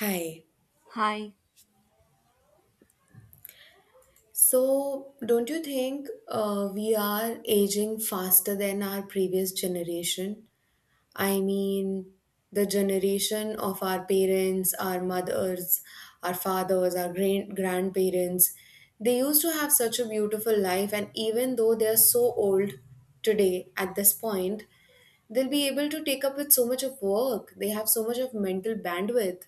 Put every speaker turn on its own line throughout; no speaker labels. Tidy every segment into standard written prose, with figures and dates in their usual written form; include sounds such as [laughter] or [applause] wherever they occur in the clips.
Hi.
Hi.
So don't you think we are aging faster than our previous generation? I mean, the generation of our parents, our mothers, our fathers, our grandparents, they used to have such a beautiful life, and even though they are so old today at this point, they'll be able to take up with so much of work. They have so much of mental bandwidth.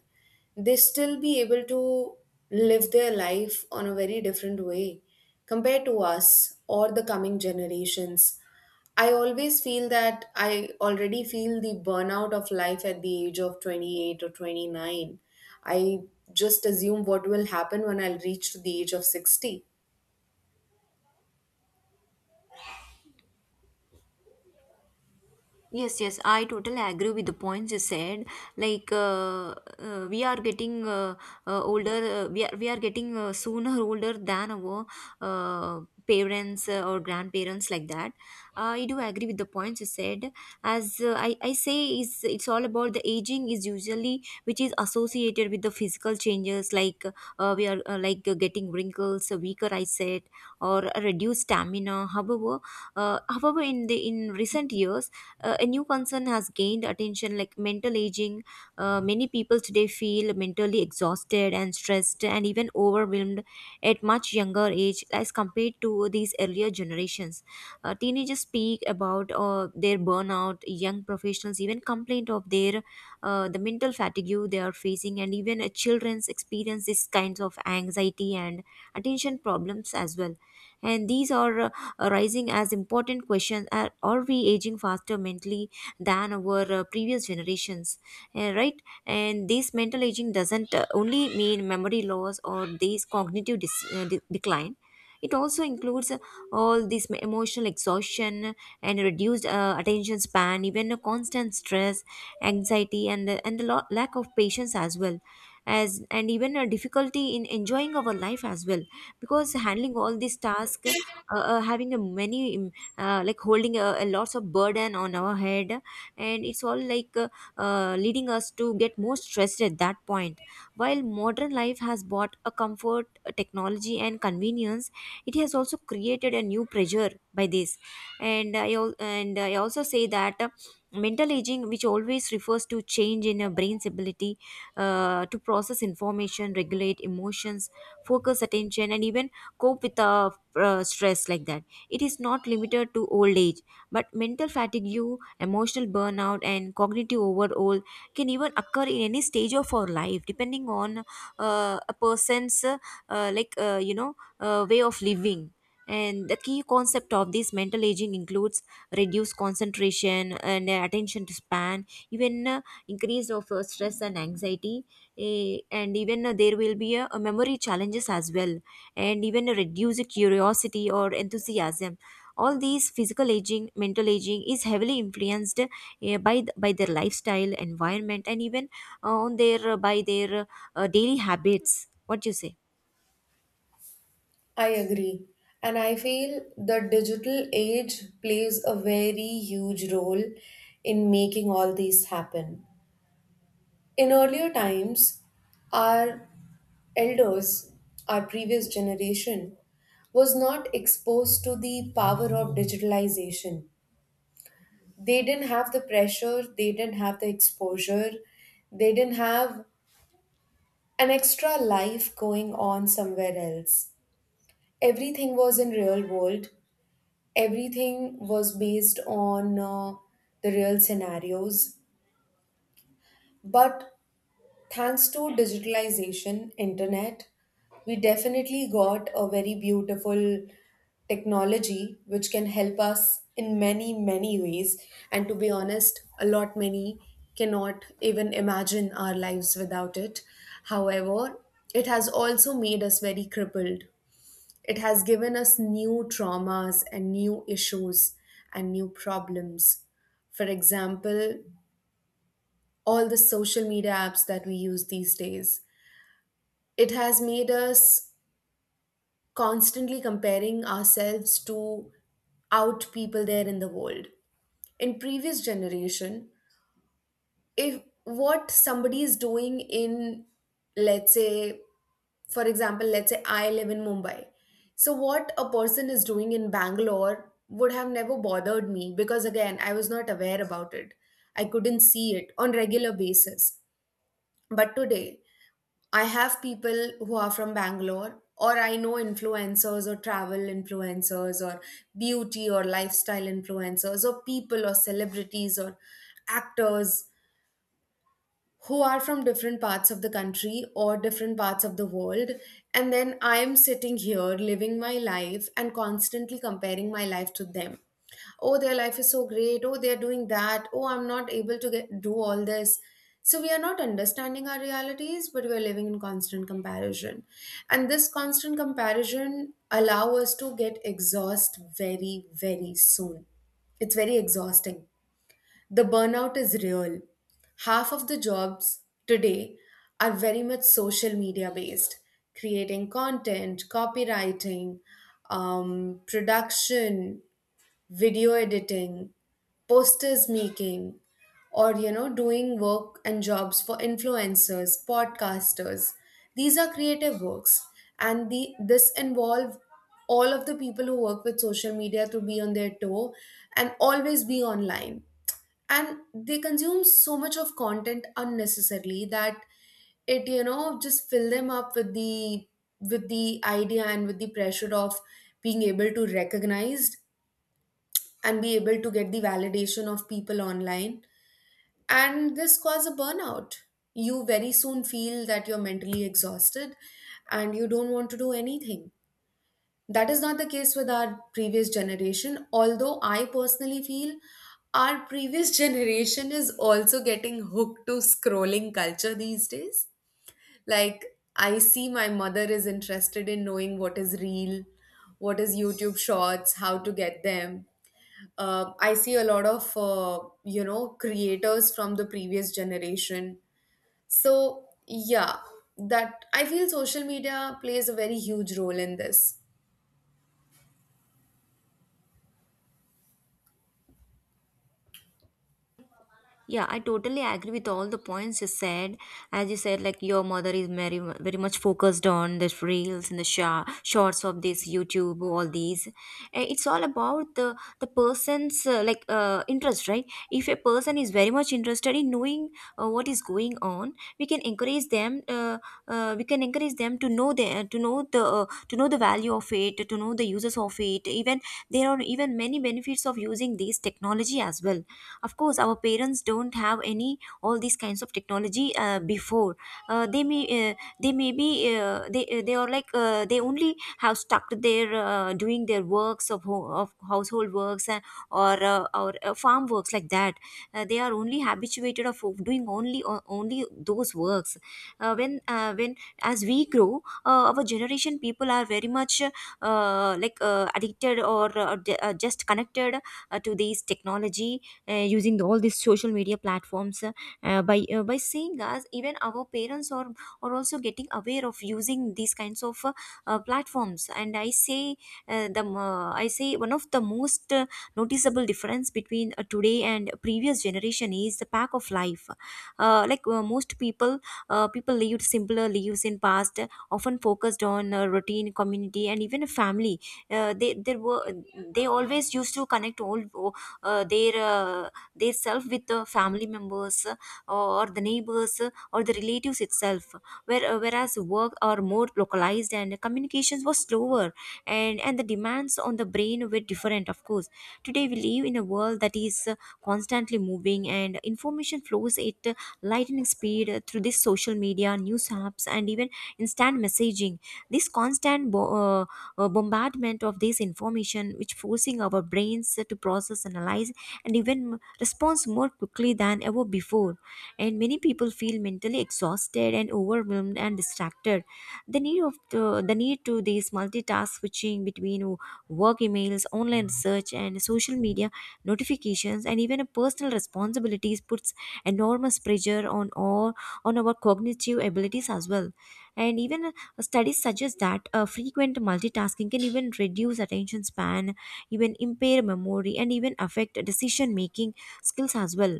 They still be able to live their life on a very different way compared to us or the coming generations. I always feel that I already feel the burnout of life at the age of 28 or 29. I just assume what will happen when I'll reach to the age of 60.
Yes, yes, I totally agree with the points you said. We are getting older, we are getting sooner [laughs] older than our uh, parents or grandparents like that. I do agree with the points you said. As I say, is it's all about the aging is usually which is associated with the physical changes like we are getting wrinkles, a weaker eyesight, or a reduced stamina. However, in the in recent years a new concern has gained attention like mental aging. Many people today feel mentally exhausted and stressed and even overwhelmed at much younger age as compared to these earlier generations. Teenagers speak about their burnout, young professionals even complain of their the mental fatigue they are facing, and even children's experience these kinds of anxiety and attention problems as well, and these are arising as important questions. Are we aging faster mentally than our previous generations? Right. And this mental aging doesn't only mean memory loss or this decline. It also includes all this emotional exhaustion and reduced attention span, even a constant stress, anxiety, and and the lack of patience as well, as and even a difficulty in enjoying our life as well. Because handling all these tasks, having a many holding a lots of burden on our head, and it's all like leading us to get more stressed at that point. While modern life has brought a comfort, a technology and convenience, it has also created a new pressure by this. And I also say that mental aging, which always refers to change in a brain's ability to process information, regulate emotions, focus attention, and even cope with the stress like that. It is not limited to old age, but mental fatigue, emotional burnout, and cognitive overall can even occur in any stage of our life, depending on a person's way of living. And the key concept of this mental aging includes reduced concentration and attention to span, even increase of stress and anxiety, and even there will be a memory challenges as well, and even a reduced curiosity or enthusiasm. All these physical aging, mental aging is heavily influenced by their lifestyle, environment, and even on their by their daily habits. What do you say?
I agree. And I feel the digital age plays a very huge role in making all these happen. In earlier times, our elders, our previous generation, was not exposed to the power of digitalization. They didn't have the pressure, they didn't have the exposure, they didn't have an extra life going on somewhere else. Everything was in real world. Everything was based on the real scenarios. But thanks to digitalization, internet, we definitely got a very beautiful technology which can help us in many, many ways. And to be honest, a lot many cannot even imagine our lives without it. However, it has also made us very crippled. It has given us new traumas and new issues and new problems. For example, all the social media apps that we use these days, it has made us constantly comparing ourselves to out people there in the world in previous generation. If what somebody is doing in, let's say, for example, let's say I live in Mumbai, so what a person is doing in Bangalore would have never bothered me, because again I was not aware about it. I couldn't see it on regular basis. But today I have people who are from Bangalore, or I know influencers or travel influencers or beauty or lifestyle influencers or people or celebrities or actors who are from different parts of the country or different parts of the world. And then I am sitting here living my life and constantly comparing my life to them. Oh, their life is so great. Oh, they're doing that. Oh, I'm not able to get, do all this. So we are not understanding our realities, but we are living in constant comparison. And this constant comparison allow us to get exhaust very, very soon. It's very exhausting, the burnout is real. Half of the jobs today are very much social media based, creating content, copywriting, production, video editing, posters making, or you know, doing work and jobs for influencers, podcasters. These are creative works, and the this involve all of the people who work with social media to be on their toe and always be online. And they consume so much of content unnecessarily that it, you know, just fill them up with the idea and with the pressure of being able to recognized and be able to get the validation of people online. And this cause a burnout. You very soon feel that you're mentally exhausted and you don't want to do anything. That is not the case with our previous generation, although I personally feel our previous [laughs] generation is also getting hooked to scrolling culture these days. Like, I see my mother is interested in knowing what is real, what is YouTube shorts, how to get them. I see a lot of you know creators from the previous generation. So yeah, that I feel social media plays a very huge role in this.
Yeah, I totally agree with all the points you said. As you said, like your mother is very much focused on the reels and the sha shorts of this YouTube, all these. It's all about the person's interest, right? If a person is very much interested in knowing what is going on, we can encourage them. We can encourage them to know the value of it, to know the uses of it. Even there are even many benefits of using this technology as well. Of course our parents don't have any all these kinds of technology before. Uh, they may be they They are they only have stuck to their doing their works of of household works, and or farm works like that. They are only habituated of doing only those works. When as we grow, our generation people are very much addicted or just connected to these technology using the, all these social media platforms. By seeing us, even our parents are also getting aware of using these kinds of platforms. And i say uh, the mo- i say one of the most noticeable difference between today and previous generation is the pack of life. Like most people People lived simpler lives in past, often focused on routine, community, and even family. They there were They always used to connect all uh, their uh, their self with the family members, or the neighbors, or the relatives itself, whereas work are more localized and communications were slower, and the demands on the brain were different. Of course today we live in a world that is constantly moving and information flows at lightning speed through this social media, news apps, and even instant messaging. This constant bombardment of this information which forcing our brains to process, analyze, and even responds more quickly than ever before. And many people feel mentally exhausted and overwhelmed and distracted. The need to this multitask switching between work emails, online research, and social media notifications, and even personal responsibilities puts enormous pressure on our cognitive abilities as well. And even studies suggest that frequent multitasking can even reduce attention span, even impair memory, and even affect decision making skills as well.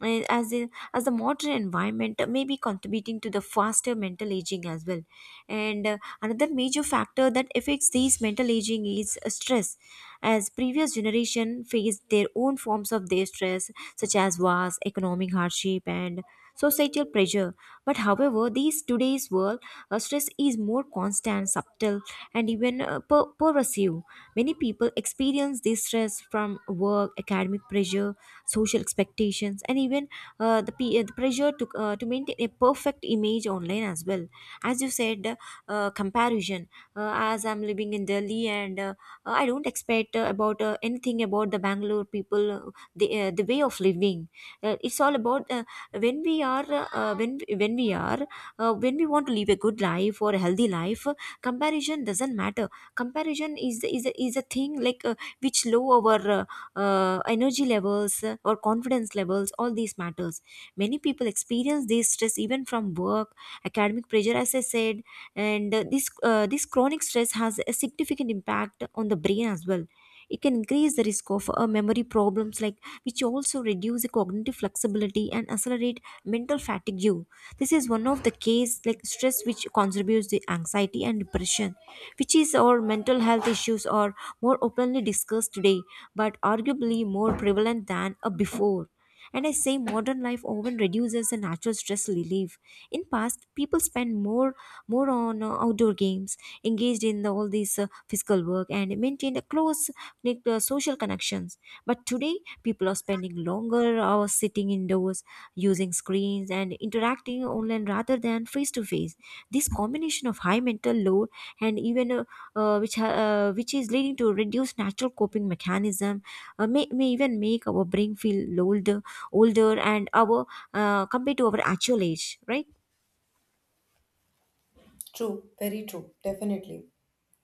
As the modern environment may be contributing to the faster mental aging as well, and another major factor that affects these mental aging is stress. As previous generation faced their own forms of their stress such as wars, economic hardship, and societal pressure, but however these today's world stress is more constant, subtle, and even pervasive. Many people experience this stress from work, academic pressure, social expectations, and even the pressure to maintain a perfect image online as well. As you said, comparison. As I'm living in Delhi, and I don't expect about anything about the Bangalore people, the way of living. It's all about when we are when we are when we want to live a good life or a healthy life, comparison doesn't matter. Comparison is a thing like which low our energy levels, or confidence levels, all these matters. Many people experience this stress even from work, academic pressure, as I said. And this chronic stress has a significant impact on the brain as well. It can increase the risk of memory problems, like which also reduce the cognitive flexibility and accelerate mental fatigue. This is one of the case like stress which contributes to anxiety and depression, which is our mental health issues are more openly discussed today, but arguably more prevalent than before. And I say modern life often reduces the natural stress relief. In past, people spend more on outdoor games, engaged in the, all these physical work, and maintained a close knit, social connections. But today, people are spending longer hours sitting indoors, using screens and interacting online rather than face to face. This combination of high mental load and even which is leading to reduced natural coping mechanism may even make our brain feel older and our compared to our actual age, right?
True, very true. Definitely.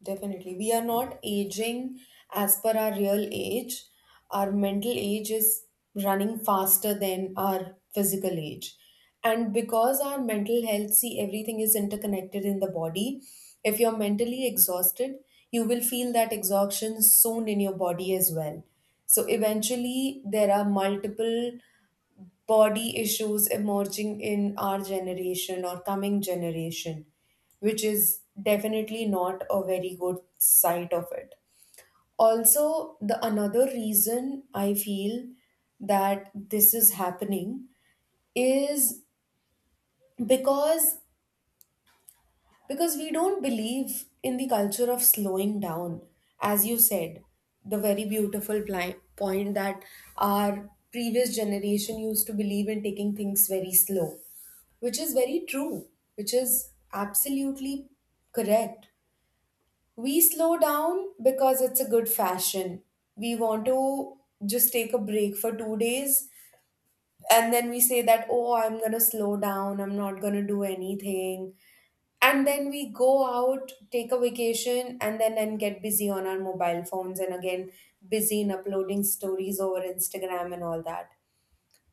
Definitely. We are not aging as per our real age. Our mental age is running faster than our physical age. And because our mental health, see, everything is interconnected in the body. If you're mentally exhausted, you will feel that exhaustion soon in your body as well. So eventually, there are multiple body issues emerging in our generation or coming generation, which is definitely not a very good side of it. Also, the another reason I feel that this is happening is because because we don't believe in the culture of slowing down. As you said, the very beautiful point that our previous generation used to believe in taking things very slow, which is very true, which is absolutely correct. We slow down because it's a good fashion. We want to just take a break for 2 days, and then we say that, oh, I'm gonna slow down, I'm not gonna do anything. And then we go out, take a vacation, and then get busy on our mobile phones and again busy in uploading stories over Instagram and all that.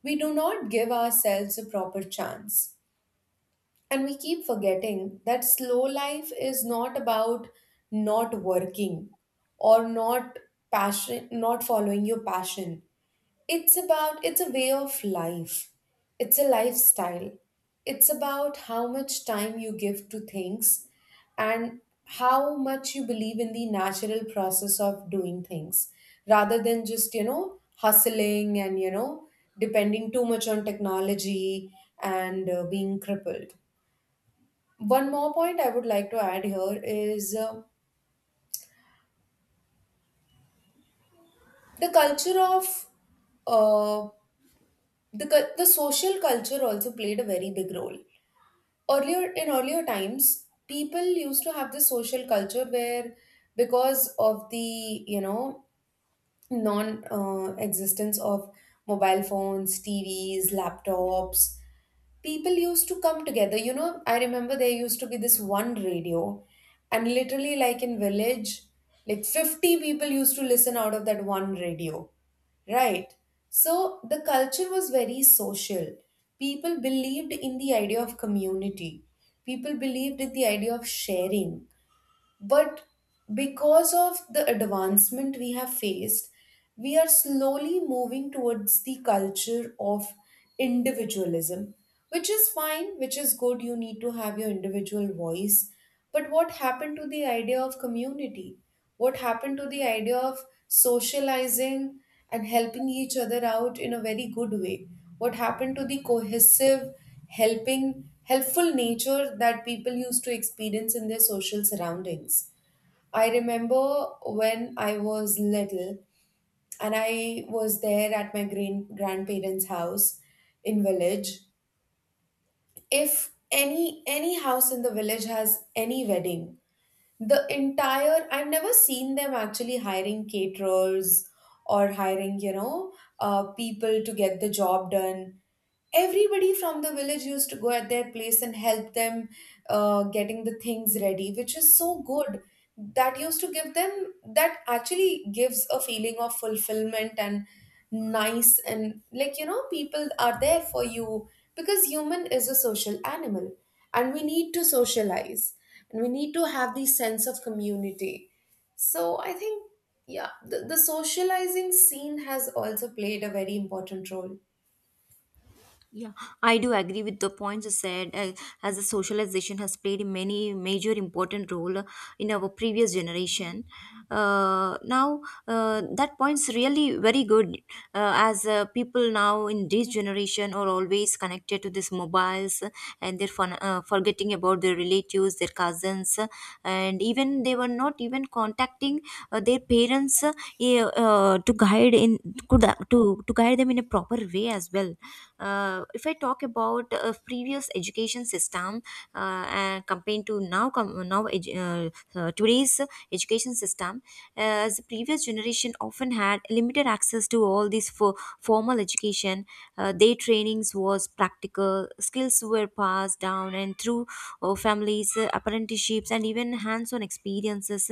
We do not give ourselves a proper chance. And we keep forgetting that slow life is not about not working or not passion, not following your passion. It's about, it's a way of life. It's a lifestyle. It's about how much time you give to things, and how much you believe in the natural process of doing things rather than just, you know, hustling and, you know, depending too much on technology and being crippled. One more point I would like to add here is the culture of uh, the cul- the social culture also played a very big role. Earlier in earlier times, people used to have this social culture where because of the, you know, non existence of mobile phones, TVs, laptops, people used to come together. You know, I remember there used to be this one radio, and literally like in village, like 50 people used to listen out of that one radio, right? So the culture was very social. People believed in the idea of community, people believed in the idea of sharing. But because of the advancement we have faced, we are slowly moving towards the culture of individualism, which is fine, which is good. You need to have your individual voice. But what happened to the idea of community? What happened to the idea of socializing and helping each other out in a very good way? What happened to the cohesive, helping, helpful nature that people used to experience in their social surroundings? I remember when I was little and I was there at my grandparents' house in village. If any house in the village has any wedding, the entire, I've never seen them actually hiring caterers or hiring, you know, people to get the job done. Everybody from the village used to go at their place and help them getting the things ready, which is so good. That used to give them, that actually gives a feeling of fulfillment and nice, and like, you know, people are there for you, because human is a social animal and we need to socialize and we need to have the sense of community. So I think, yeah, the socializing scene has also played a very important role.
Yeah, I do agree with the points you said. As the socialization has played many major important role in our previous generation, now that point's really very good. As people now in this generation are always connected to these mobiles, and they're forgetting about their relatives, their cousins, and even they were not even contacting their parents, yeah, to guide in to guide them in a proper way as well. If I talk about previous education system, and compared to now com- now edu- today's education system, as the previous generation often had limited access to all these for formal education. Their trainings was practical, skills were passed down and through families, apprenticeships, and even hands-on experiences.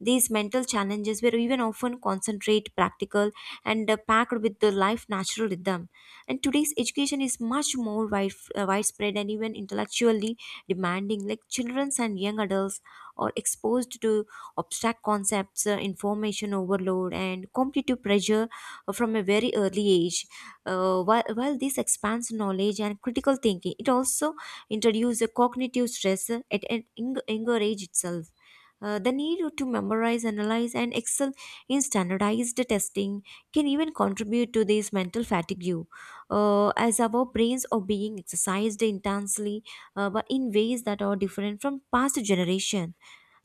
These mental challenges were even often concentrate, practical, and packed with the life natural rhythm. And today's education is much more widespread and even intellectually demanding. Like children and young adults are exposed to abstract concepts, information overload, and competitive pressure from a very early age. While this expands knowledge and critical thinking, it also introduces a cognitive stress at an younger age itself. The need to memorize, analyze, and excel in standardized testing can even contribute to this mental fatigue, as our brains are being exercised intensely, but in ways that are different from past generation.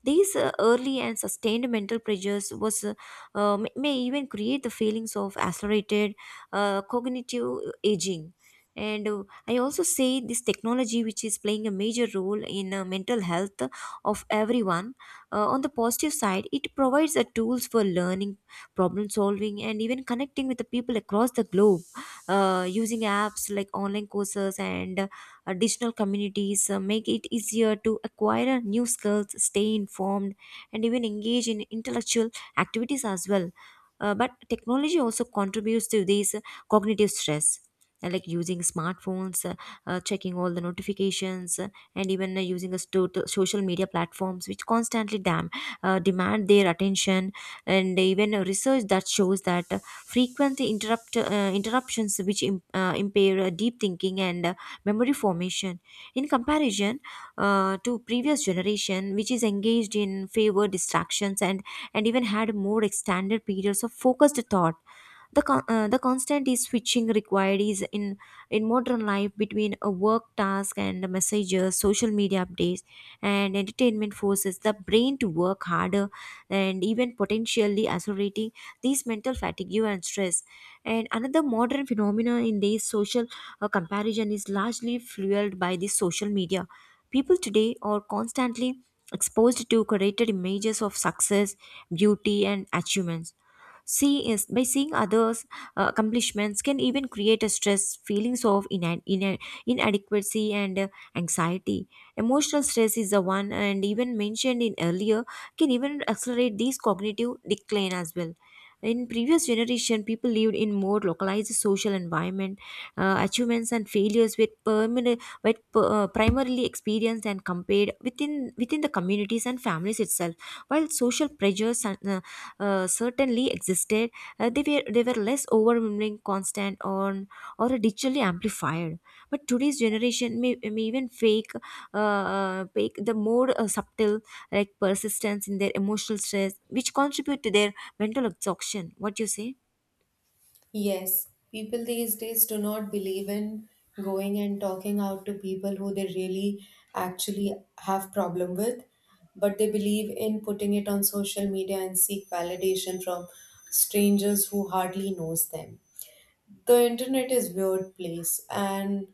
These early and sustained mental pressures was may even create the feelings of accelerated cognitive aging. And I also say this technology, which is playing a major role in mental health of everyone. On the positive side, it provides the tools for learning, problem solving, and even connecting with the people across the globe using apps like online courses and digital communities make it easier to acquire new skills, stay informed, and even engage in intellectual activities as well. But technology also contributes to this cognitive stress. Like using smartphones, checking all the notifications, and even using a total social media platforms, which constantly demand their attention, and even research that shows that frequent interruptions which impair deep thinking and memory formation in comparison to previous generation which is engaged in favor distractions and even had more extended periods of focused thought. The constant is switching required is in modern life between a work task and messages, social media updates, and entertainment forces the brain to work harder and even potentially accelerating these mental fatigue and stress. And another modern phenomenon in these social comparison is largely fueled by the social media. People today are constantly exposed to curated images of success, beauty, and achievements. See is by seeing others' accomplishments can even create a stress, feelings of inadequacy and anxiety. Emotional stress is the one, and even mentioned in earlier, can even accelerate these cognitive decline as well. In previous generation, people lived in more localized social environment. Achievements and failures were permanent, were primarily experienced and compared within the communities and families itself. While social pressures and, certainly existed, they were less overwhelming, constant, on or digitally amplified. But today's generation may even fake the more subtle like persistence in their emotional stress, which contribute to their mental exhaustion. What do you say?
Yes, people these days do not believe in going and talking out to people who they really actually have problem with, but they believe in putting it on social media and seek validation from strangers who hardly knows them. The internet is weird place, and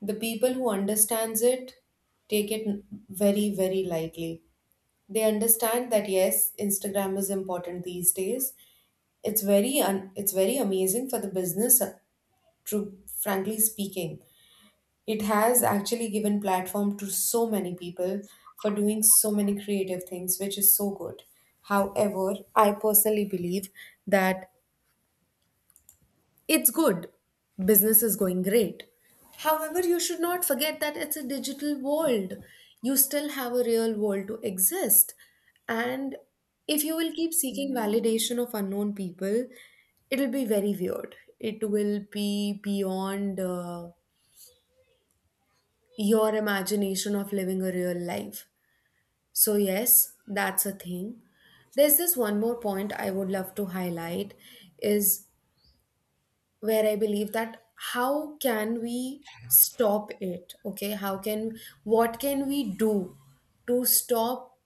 the people who understands it take it very, very lightly. They understand that yes, Instagram is important these days. It's very amazing for the business. To frankly speaking, it has actually given platform to so many people for doing so many creative things, which is so good. However, I personally believe that it's good, business is going great. However, you should not forget that it's a digital world. You still have a real world to exist, and if you will keep seeking validation of unknown people, it'll be very weird. It will be beyond your imagination of living a real life. So, yes, that's a thing. There's this one more point I would love to highlight is, where I believe that, how can we stop it? Okay, how can, what can we do to stop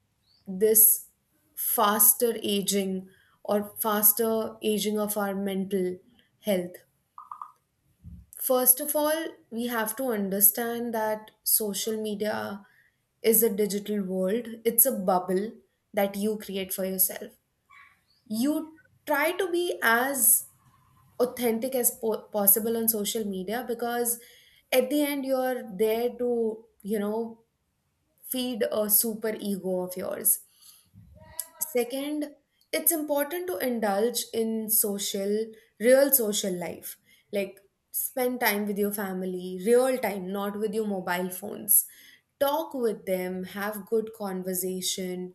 this faster aging or faster aging of our mental health? First of all, we have to understand that social media is a digital world. It's a bubble that you create for yourself. You try to be as authentic as possible on social media, because at the end you're there to, you know, feed a super ego of yours. Second, it's important to indulge in social, real social life. Like, spend time with your family, real time, not with your mobile phones. Talk with them, have good conversation,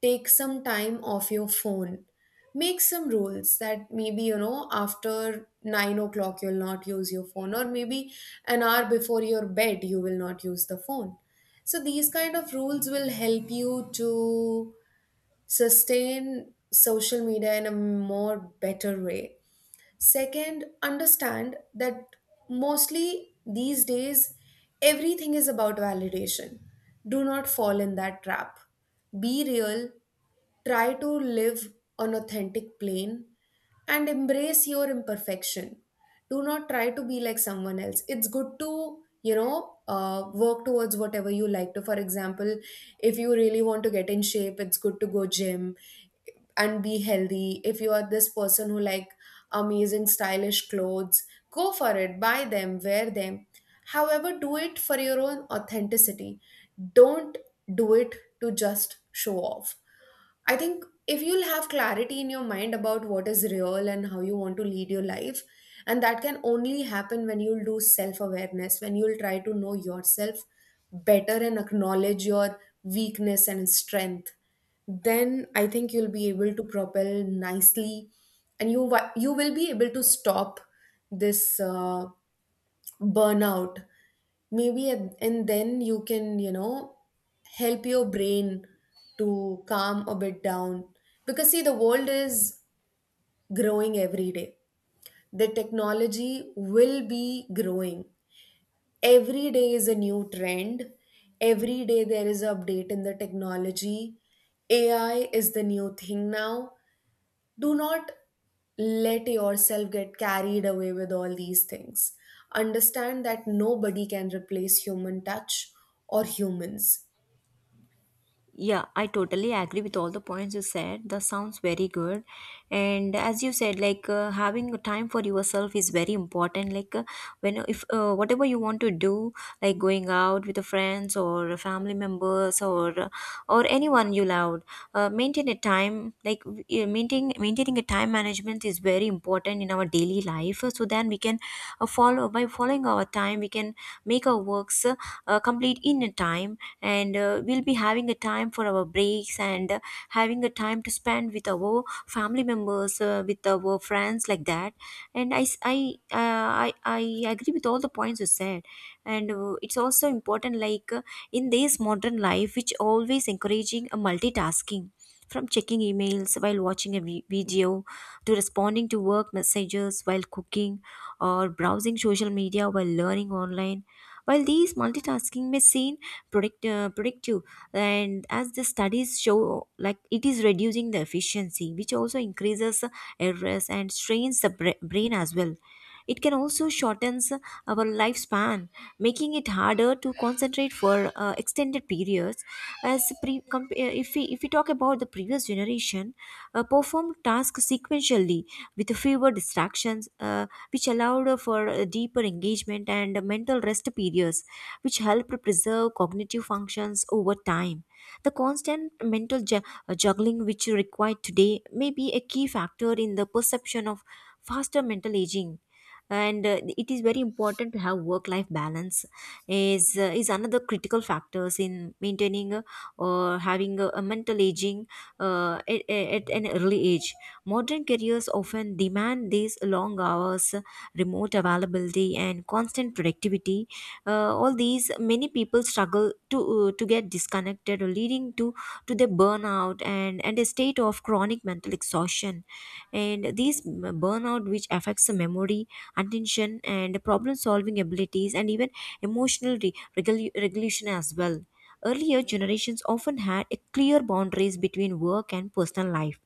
take some time off your phone. Make some rules that maybe, you know, after 9 o'clock you'll not use your phone, or maybe an hour before your bed you will not use the phone. So these kind of rules will help you to sustain social media in a more better way. Second, understand that mostly these days everything is about validation. Do not fall in that trap. Be real, try to live on authentic plane and embrace your imperfection. Do not try to be like someone else. It's good to, you know, work towards whatever you like to. For example, if you really want to get in shape, it's good to go gym and be healthy. If you are this person who like amazing stylish clothes, go for it, buy them, wear them. However, do it for your own authenticity. Don't do it to just show off. I think if you'll have clarity in your mind about what is real and how you want to lead your life, and that can only happen when you'll do self awareness, when you'll try to know yourself better and acknowledge your weakness and strength, then I think you'll be able to propel nicely and you will be able to stop this burnout maybe and then you can, you know, help your brain to calm a bit down. Because see, the world is growing every day, the technology will be growing, every day is a new trend, every day there is an update in the technology. AI is the new thing now. Do not let yourself get carried away with all these things. Understand that nobody can replace human touch or humans.
Yeah, I totally agree with all the points you said. That sounds very good. And as you said, like having a time for yourself is very important. Like when if whatever you want to do, like going out with the friends or family members or anyone you love, maintain a time like maintaining a time management is very important in our daily life. So then we can follow by following our time, we can make our works complete in a time and we'll be having a time for our breaks and having a time to spend with our family members with our friends like that, and I s- I agree with all the points you said. And it's also important like in this modern life which always encouraging a multitasking from checking emails while watching a video, to responding to work messages while cooking, or browsing social media while learning online. While these multitasking may seem predictive, and as the studies show like it is reducing the efficiency which also increases errors and strains the brain as well. It can also shortens our lifespan, making it harder to concentrate for extended periods, as if we talk about the previous generation performed tasks sequentially with fewer distractions, which allowed for a deeper engagement and mental rest periods which help preserve cognitive functions over time. The constant mental juggling which you require today may be a key factor in the perception of faster mental aging. And it is very important to have work life balance is another critical factors in maintaining, or having a mental aging at an early age. Modern careers often demand these long hours, remote availability, and constant productivity. All these many people struggle to get disconnected, leading to the burnout and a state of chronic mental exhaustion. And these burnout which affects the memory, attention, and problem solving abilities, and even emotional regulation as well. Earlier generations often had a clear boundaries between work and personal life,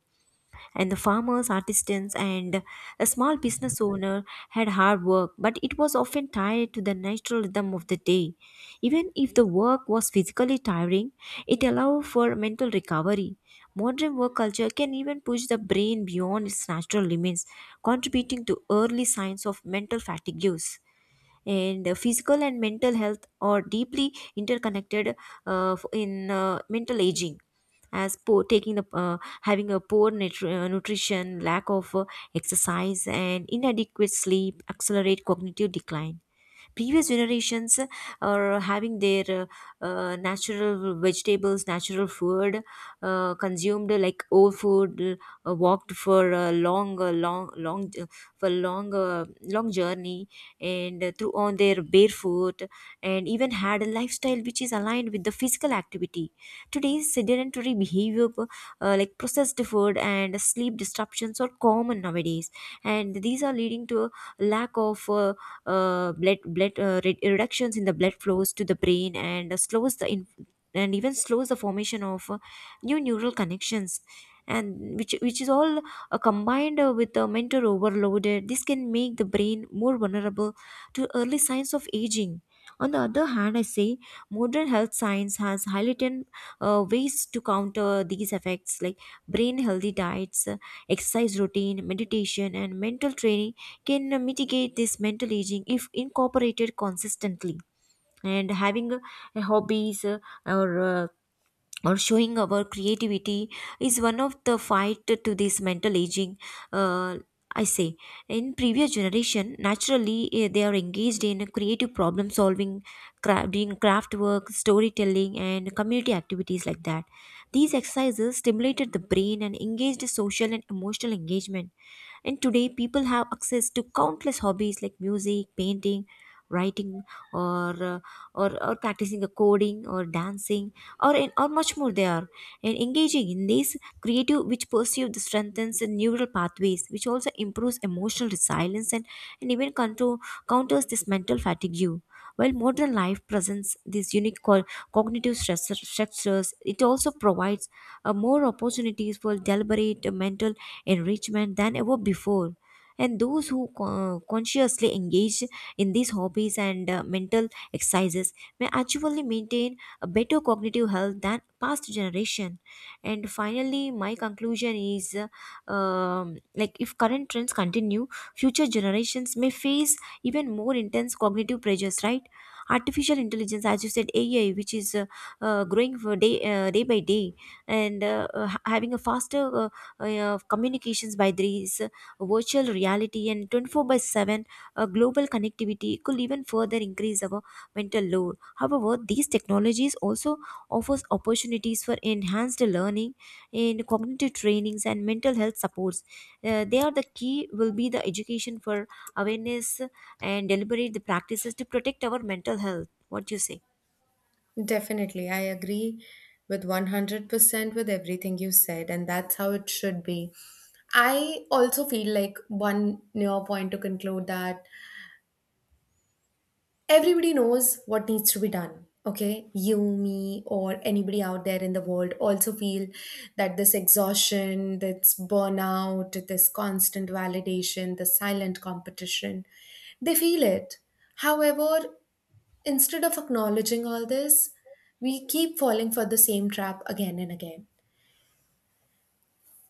and the farmers, artisans, and a small business owner had hard work, but it was often tied to the natural rhythm of the day. Even if the work was physically tiring, it allowed for mental recovery. Modern work culture can even push the brain beyond its natural limits, contributing to early signs of mental fatigues. And physical and mental health are deeply interconnected in mental aging, as poor taking the having a poor nutrition, lack of exercise, and inadequate sleep accelerate cognitive decline. Previous generations are having their natural vegetables, natural food, consumed like old food, walked for a long long long for long long journey, and through on their barefoot, and even had a lifestyle which is aligned with the physical activity. Today's sedentary behavior, like processed food and sleep disruptions are common nowadays, and these are leading to a lack of reductions in the blood flows to the brain, and even slows the formation of new neural connections. And which is all combined with the mental overload, this can make the brain more vulnerable to early signs of aging. On the other hand, I say modern health science has highlighted ways to counter these effects, like brain healthy diets, exercise routine, meditation, and mental training can mitigate this mental aging if incorporated consistently. And having a hobbies, or uh, or showing our creativity is one of the fight to this mental aging. uh, I say in previous generation, naturally, they are engaged in creative problem solving, doing craft work, storytelling, and community activities like that. These exercises stimulated the brain and engaged social and emotional engagement. And today people have access to countless hobbies like music, painting, writing, or uh, or practicing the coding or dancing, or much more they are. And engaging in these creative which pursue the strengthens the neural pathways, which also improves emotional resilience and even counters this mental fatigue. While modern life presents these unique cognitive structures, it also provides more opportunities for deliberate mental enrichment than ever before. And those who consciously engage in these hobbies and mental exercises may actually maintain a better cognitive health than past generation. And finally, my conclusion is like if current trends continue, future generations may face even more intense cognitive pressures, right? Artificial intelligence, as you said, AI which is growing for day day by day, and having a faster communications by these virtual reality and 24/7 global connectivity could even further increase our mental load. However, these technologies also offers opportunities for enhanced learning in cognitive trainings and mental health supports. They are the key will be the education for awareness and deliberate the practices to protect our mental health. What do you say?
Definitely, I agree with 100% with everything you said, and that's how it should be. I also feel like one near point to conclude that everybody knows what needs to be done. Okay, you, me, or anybody out there in the world also feel that this exhaustion, this burnout, this constant validation, the silent competition, they feel it. However, instead of acknowledging all this, we keep falling for the same trap again and again.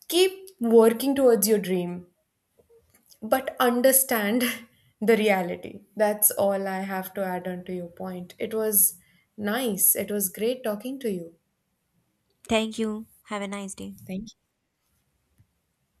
Keep working towards your dream, but understand [laughs] the reality. That's all I have to add on to your point. It was nice. It was great talking to you.
Thank you. Have a nice day.
Thank you.